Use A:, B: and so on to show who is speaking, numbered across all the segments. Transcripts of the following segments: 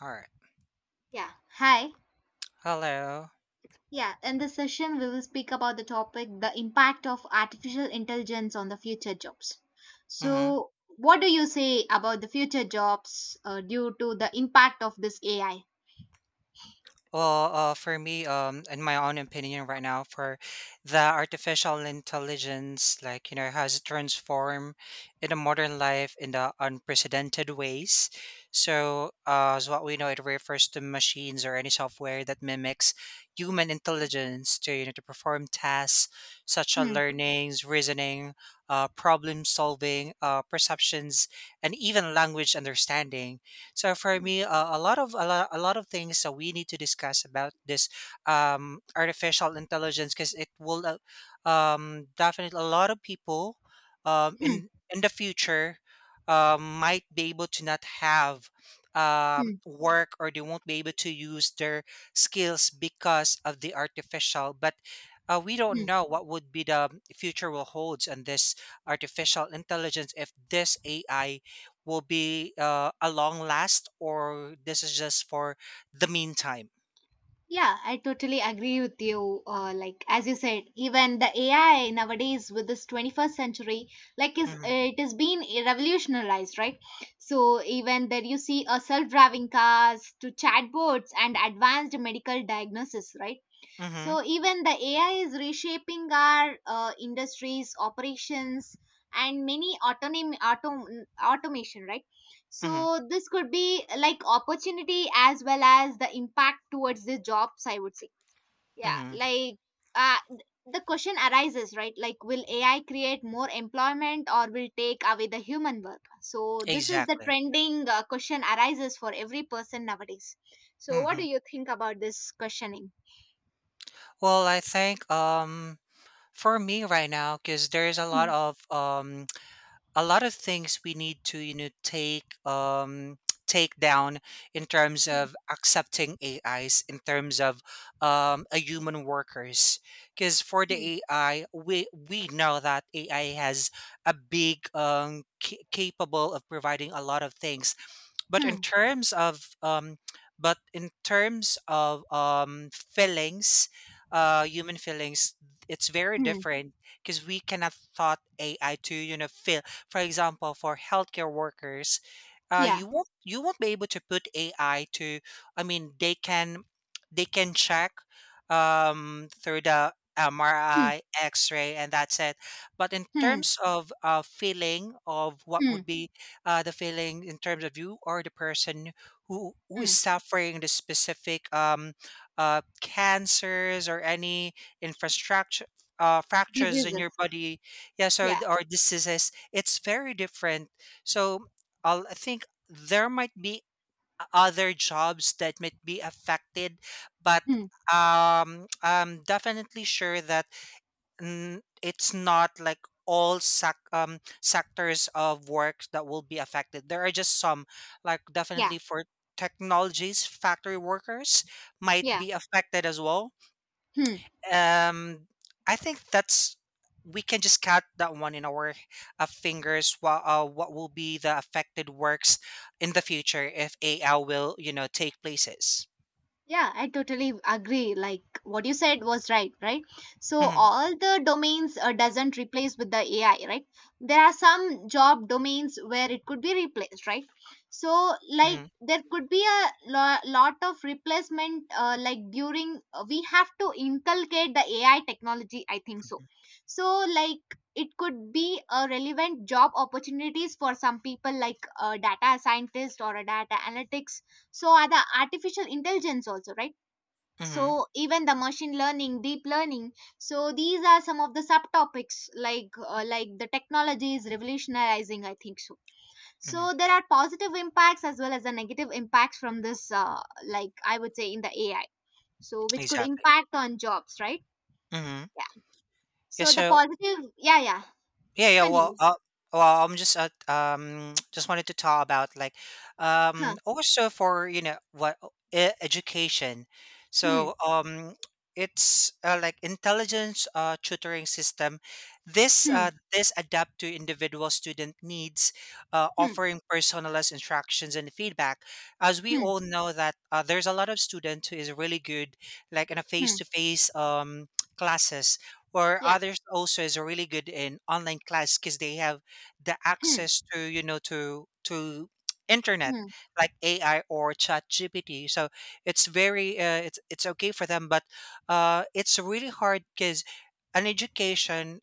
A: All right.
B: Yeah. Hi.
A: Hello.
B: Yeah, in this session, we will speak about the topic the impact of artificial intelligence on the future jobs.
A: Hmm.
B: So, what do you say about the future jobs due to the impact of this AI?
A: Well, for me, in my own opinion, right now, for the artificial intelligence, like has transformed in a modern life in the unprecedented ways. So, as what we know, it refers to machines or any software that mimics human intelligence to you know to perform tasks such as
B: Hmm.
A: learnings, reasoning, problem solving, perceptions, and even language understanding. So for
B: Hmm.
A: me, a lot of things that we need to discuss about this artificial intelligence, because it will definitely a lot of people um,
B: Hmm.
A: in in the future might be able to not have work, or they won't be able to use their skills because of the artificial. But we don't
B: Hmm.
A: know what would be the future will holds on this artificial intelligence, if this AI will be a long last or this is just for the meantime.
B: Yeah, I totally agree with you. Like as you said, even the AI nowadays with this 21st century, like is
A: Mm-hmm.
B: it has been revolutionized, right? So even there you see a self-driving cars to chatbots and advanced medical diagnosis, right?
A: Mm-hmm.
B: So even the AI is reshaping our industries, operations, and many automation, right?
A: Mm-hmm.
B: So this could be like opportunity as well as the impact towards the jobs, I would say. Yeah,
A: Mm-hmm.
B: like uh, th- the question arises, right? Like, will AI create more employment or will take away the human work? So this is the
A: Exactly.
B: trending question arises for every person nowadays. So what
A: Mm-hmm.
B: do you think about this questioning?
A: Well, I think for me right now, because there's a lot
B: Hmm.
A: of um a lot of things we need to take take down in terms of accepting AIs, in terms of a human workers, because for
B: Hmm.
A: the AI, we know that AI has a big capable of providing a lot of things. But in
B: Hmm,
A: terms of feelings, human feelings, it's very
B: hmm,
A: different, because we cannot thought AI to feel. For example, for healthcare workers,
B: yeah,
A: you won't be able to put AI to, I mean, they can, they can check through the
B: hmm,
A: MRI, x-ray, and that's it. But in
B: hmm,
A: terms of feeling of what
B: hmm,
A: would be the feeling in terms of you or the person who is
B: hmm.
A: suffering the specific cancers or any infrastructure, fractures in your
B: Diseases.
A: body. Yes, or
B: Yeah,
A: or diseases. It's very different. So, I think there might be other jobs that might be affected, but
B: hmm,
A: I'm definitely sure that it's not like all sectors of work that will be affected. There are just some, like
B: yeah,
A: definitely for technologies. Factory workers might
B: yeah,
A: be affected as well.
B: hmm.
A: Um, I think that's we can just cut that one in our fingers. What will be the affected works in the future if AI will take places?
B: Yeah, I totally agree. Like what you said was right, right? So
A: Hmm.
B: all the domains doesn't replace with the AI, right? There are some job domains where it could be replaced, right? So like
A: Hmm.
B: there could be a lot of replacement like during we have to inculcate the AI technology, I think so.
A: Hmm.
B: So like it could be a relevant job opportunities for some people like a data scientist or a data analytics, so are the artificial intelligence also, right?
A: Hmm.
B: So even the machine learning, deep learning, so these are some of the subtopics like the technology is revolutionizing, I think so. So
A: Hmm.
B: there are positive impacts as well as the negative impacts from this like I would say in the AI, so which could
A: Exactly.
B: impact on jobs, right?
A: Hmm.
B: Yeah,
A: Yeah.
B: so the
A: So,
B: positive, yeah, yeah,
A: yeah, yeah. Well,
B: continue.
A: uh, well, I'm just just wanted to talk about, like,
B: Huh.
A: also for education.
B: Hmm,
A: So, it's like intelligence tutoring system. This uh,
B: hmm,
A: this adapt to individual student needs,
B: hmm,
A: offering personalized instructions and feedback. As we
B: hmm,
A: all know that, there's a lot of student who is really good, like in a face
B: hmm,
A: to face classes, or
B: yeah,
A: others also is really good in online class, because they have the
B: hmm,
A: access to you know to internet,
B: hmm,
A: like AI or Chat GPT. So it's very it's okay for them, but it's really hard, because an education,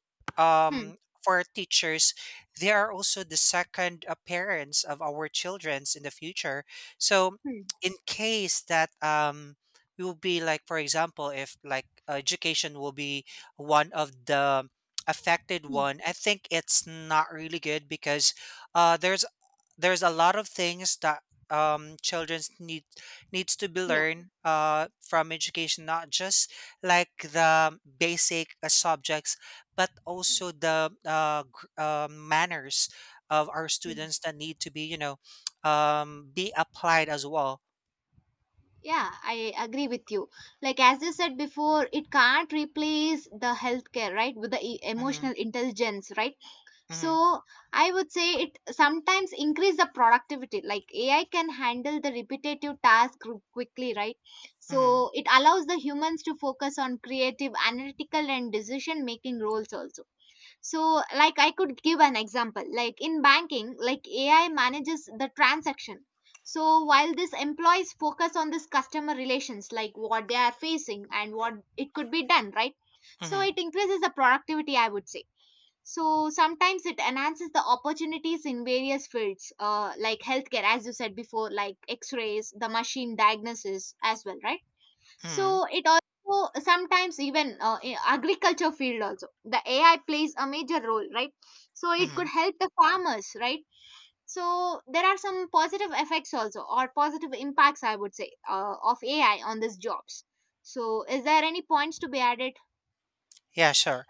B: hmm,
A: um for teachers, they are also the second parents of our children's in the future. So
B: hmm,
A: in case that, we will be, like for example, if like education will be one of the affected
B: hmm,
A: one, I think it's not really good, because uh there's there's a lot of things that children's needs to be
B: yeah,
A: learned from education, not just like the basic subjects, but
B: hmm.
A: also the manners of our
B: Hmm.
A: students that need to be be applied as well.
B: Yeah, I agree with you. Like as you said before, it can't replace the healthcare, right? With the
A: Mm-hmm.
B: emotional intelligence, right?
A: Mm-hmm.
B: So I would say it sometimes increase the productivity. Like AI can handle the repetitive task quickly, right?
A: Mm-hmm.
B: So it allows the humans to focus on creative, analytical, and decision making roles also. So like I could give an example like in banking, like AI manages the transaction, so while this employees focus on this customer relations, like what they are facing and what it could be done, right? So
A: Mm-hmm.
B: it increases the productivity, I would say. So sometimes it enhances the opportunities in various fields, like healthcare as you said before, like x-rays, the machine diagnosis as well, right? So
A: Mm-hmm.
B: it also sometimes even in agriculture field also the AI plays a major role, right? So it
A: Mm-hmm.
B: could help the farmers, right? So there are some positive effects also or positive impacts, I would say, of AI on these jobs. So is there any points to be added?
A: Yeah, sure.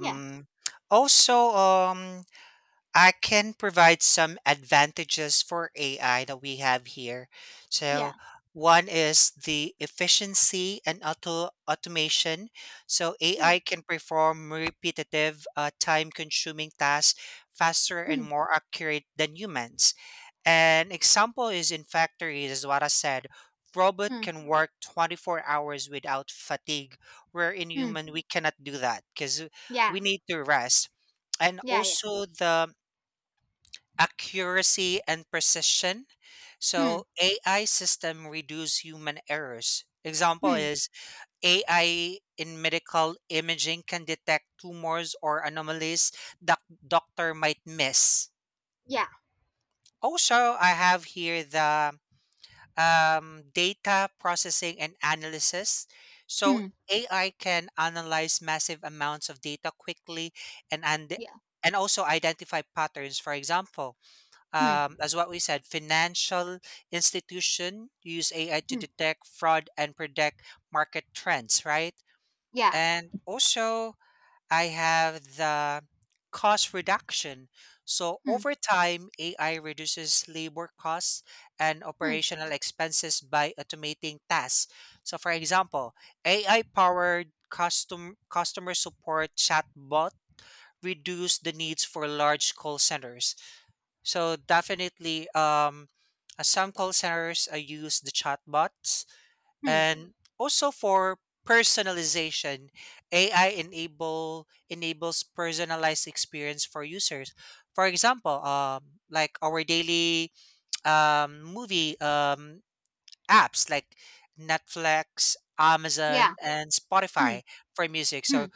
B: Yeah,
A: also, I can provide some advantages for AI that we have here.
B: yeah,
A: So, one is the efficiency and automation. So,
B: hmm,
A: AI can perform repetitive, time-consuming tasks faster and
B: hmm,
A: more accurate than humans. An example is in factories, as what I said, robot
B: hmm,
A: can work 24 hours without fatigue, where in
B: hmm.
A: human we cannot do that because
B: Yeah,
A: we need to rest. And
B: yeah, yeah,
A: also the accuracy and precision. So
B: hmm,
A: AI system reduce human errors. Example
B: hmm,
A: is AI in medical imaging can detect tumors or anomalies that doctor might miss.
B: yeah,
A: Also, I have here the data processing and analysis. So
B: hmm,
A: AI can analyze massive amounts of data quickly, and and
B: yeah,
A: and also identify patterns. For example,
B: hmm,
A: as what we said, financial institution use AI to
B: hmm,
A: detect fraud and predict market trends, right?
B: yeah,
A: And also I have the cost reduction. So
B: hmm,
A: over time, AI reduces labor costs and
B: hmm,
A: operational expenses by automating tasks. So for example, AI powered customer support chatbot reduce the needs for large call centers. So definitely, some call centers use the chatbots,
B: hmm,
A: and also for personalization, AI enables personalized experience for users. For example, like our daily movie apps like Netflix, Amazon,
B: yeah,
A: and
B: hmm,
A: Spotify for music.
B: hmm,
A: So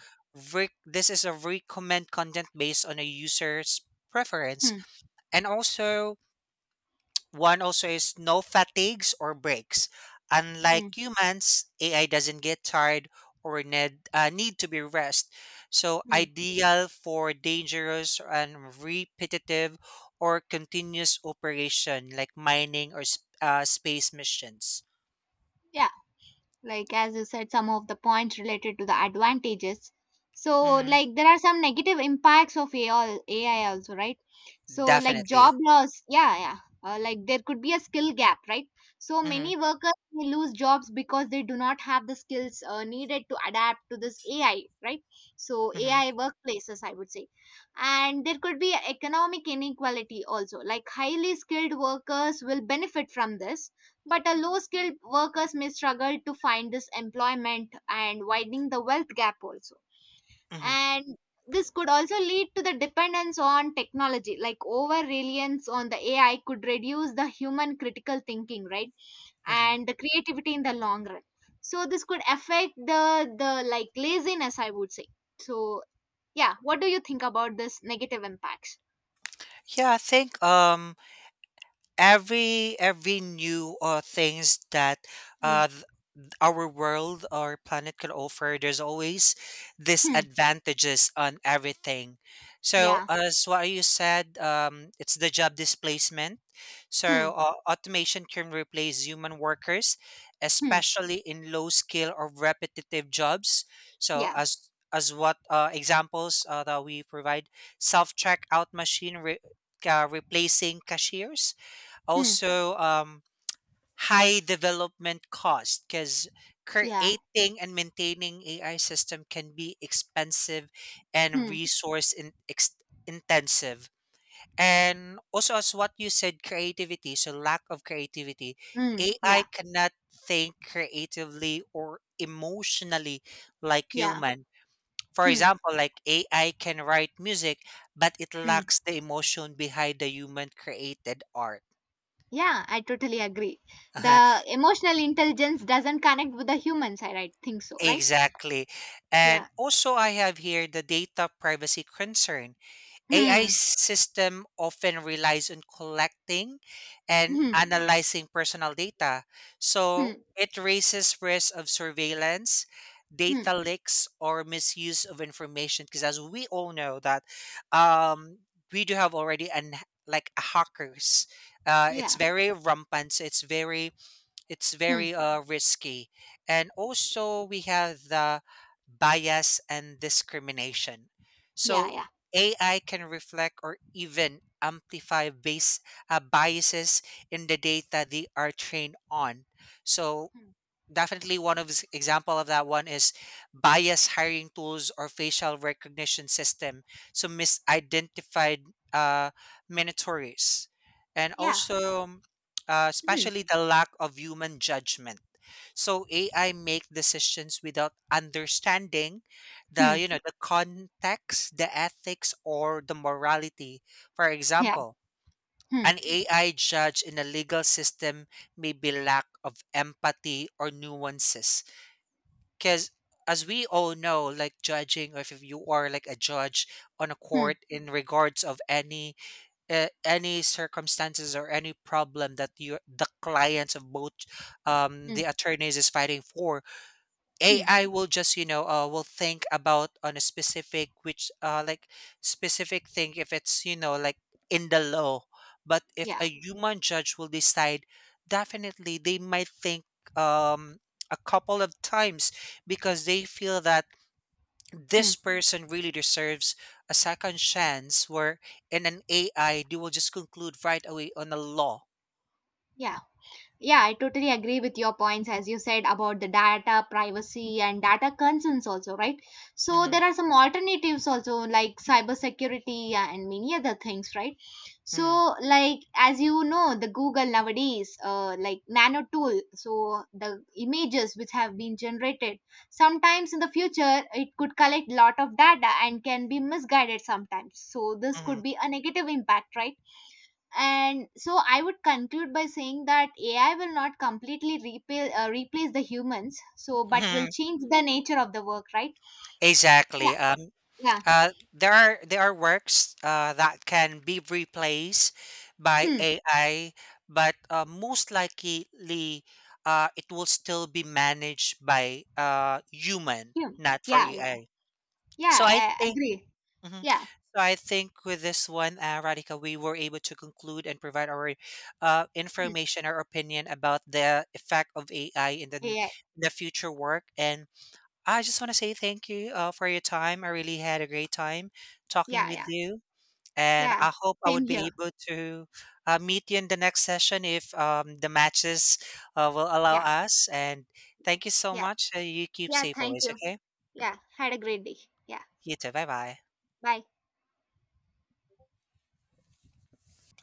A: this is a recommend content based on a user's preference.
B: hmm,
A: And also, one also is no fatigues or breaks. Unlike
B: hmm,
A: humans, AI doesn't get tired or need to be rest. So
B: hmm,
A: ideal for dangerous and repetitive or continuous operation, like mining or space missions.
B: yeah. Like as you said some of the points related to the advantages, so
A: Hmm.
B: like there are some negative impacts of AI, also right, so like
A: Definitely.
B: job loss, yeah, yeah. Like there could be a skill gap, right? So
A: Hmm.
B: many workers may lose jobs because they do not have the skills needed to adapt to this AI, right? So
A: Hmm.
B: AI workplaces, I would say. And there could be economic inequality also, like highly skilled workers will benefit from this, but a low skilled workers may struggle to find this employment and widening the wealth gap also.
A: Hmm.
B: And this could also lead to the dependence on technology, like over reliance on the AI could reduce the human critical thinking, right?
A: Hmm.
B: And the creativity in the long run. So this could affect the like laziness, I would say. So yeah, what do you think about this negative impacts?
A: Yeah, I think every new things that
B: Hmm.
A: uh our world or planet could offer, there's always
B: Hmm.
A: disadvantages on everything. So
B: Yeah.
A: as what you said, it's the job displacement.
B: Hmm.
A: So automation can replace human workers,
B: Hmm.
A: especially in low skill or repetitive jobs. So,
B: Yeah.
A: as what examples that we provide, self checkout machine replacing cashiers.
B: Hmm.
A: Also, high development cost because
B: Yeah.
A: creating and maintaining AI system can be expensive and
B: Hmm.
A: resource intensive. And also, as what you said, creativity, so lack of creativity,
B: Hmm.
A: AI
B: Yeah.
A: cannot think creatively or emotionally like
B: Yeah.
A: human. For
B: Hmm.
A: example, like AI can write music, but it
B: Hmm.
A: lacks the emotion behind the human created art.
B: Yeah, I totally agree. The emotional intelligence doesn't connect with the humans, I right, think so, right?
A: Exactly. And
B: Yeah.
A: also, I have here the data privacy concern. AI
B: Hmm.
A: system often relies on collecting and
B: Hmm.
A: analyzing personal data.
B: Hmm.
A: So it raises risk of surveillance,
B: Hmm.
A: data leaks, or misuse of information, because as we all know that, um, we do have already an like hackers. It's
B: Yeah.
A: very rampant. So it's very it's
B: Hmm.
A: very uh, risky. And also, we have the bias and discrimination.
B: Yeah.
A: So,
B: Yeah.
A: AI can reflect or even amplify biases in the data they are trained on. So,
B: Hmm.
A: definitely one of example of that one is bias hiring tools or facial recognition system, so misidentified uh minatories, and
B: Yeah.
A: also,
B: Hmm.
A: especially the lack of human judgment. So
B: Yeah.
A: AI make decisions without understanding
B: Hmm.
A: the you know the context, the ethics, or the morality. For
B: Yeah.
A: example,
B: Hmm.
A: an AI judge in a legal system may be lack of empathy or nuances, because as we all know, like judging, or if you are like a judge on a
B: Hmm.
A: court in regards of any circumstances or any problem that you, the clients of both, the
B: Hmm.
A: attorneys is fighting for.
B: Hmm.
A: AI will just will think about on a specific, which like specific thing, if it's like in the law. But if
B: Yeah.
A: a human judge will decide, definitely they might think um a couple of times, because they feel that
B: Hmm.
A: this person really deserves a second chance. Where in an AI, they will just conclude right away on a law.
B: Yeah. Yeah, I totally agree with your points as you said about the data privacy and data concerns also, right? So
A: Mm-hmm.
B: there are some alternatives also like cybersecurity and many other things, right?
A: Mm-hmm.
B: So like as you know, the Google nowadays, like nano tool, so the images which have been generated, sometimes in the future it could collect lot of data and can be misguided sometimes. So this could
A: Mm-hmm.
B: be a negative impact, right? And so I would conclude by saying that AI will not completely replace the humans, so but will
A: Hmm.
B: change the nature of the work, right?
A: Exactly.
B: Yeah,
A: Um,
B: yeah,
A: Uh, there are there are works that can be replaced by
B: hmm,
A: AI, but most likely it will still be managed by human,
B: hmm,
A: not for
B: yeah,
A: AI.
B: yeah,
A: So I
B: yeah, I
A: think.
B: agree,
A: Mhm.
B: yeah,
A: So I think with this one, Radhika, we were able to conclude and provide our
B: hmm,
A: information, our opinion about the effect of AI in in
B: yeah,
A: the future work, and I just want to say thank you for your time. I really had a great time talking
B: yeah,
A: with
B: yeah,
A: you, and
B: yeah,
A: I hope I
B: same
A: would be
B: here,
A: able to meet you in the next session if the matches will allow
B: yeah,
A: us. And thank you so
B: yeah,
A: much. You keep
B: yeah,
A: safe
B: thank
A: always,
B: you,
A: okay?
B: yeah, had a great day, yeah,
A: You too. Bye bye.
B: bye.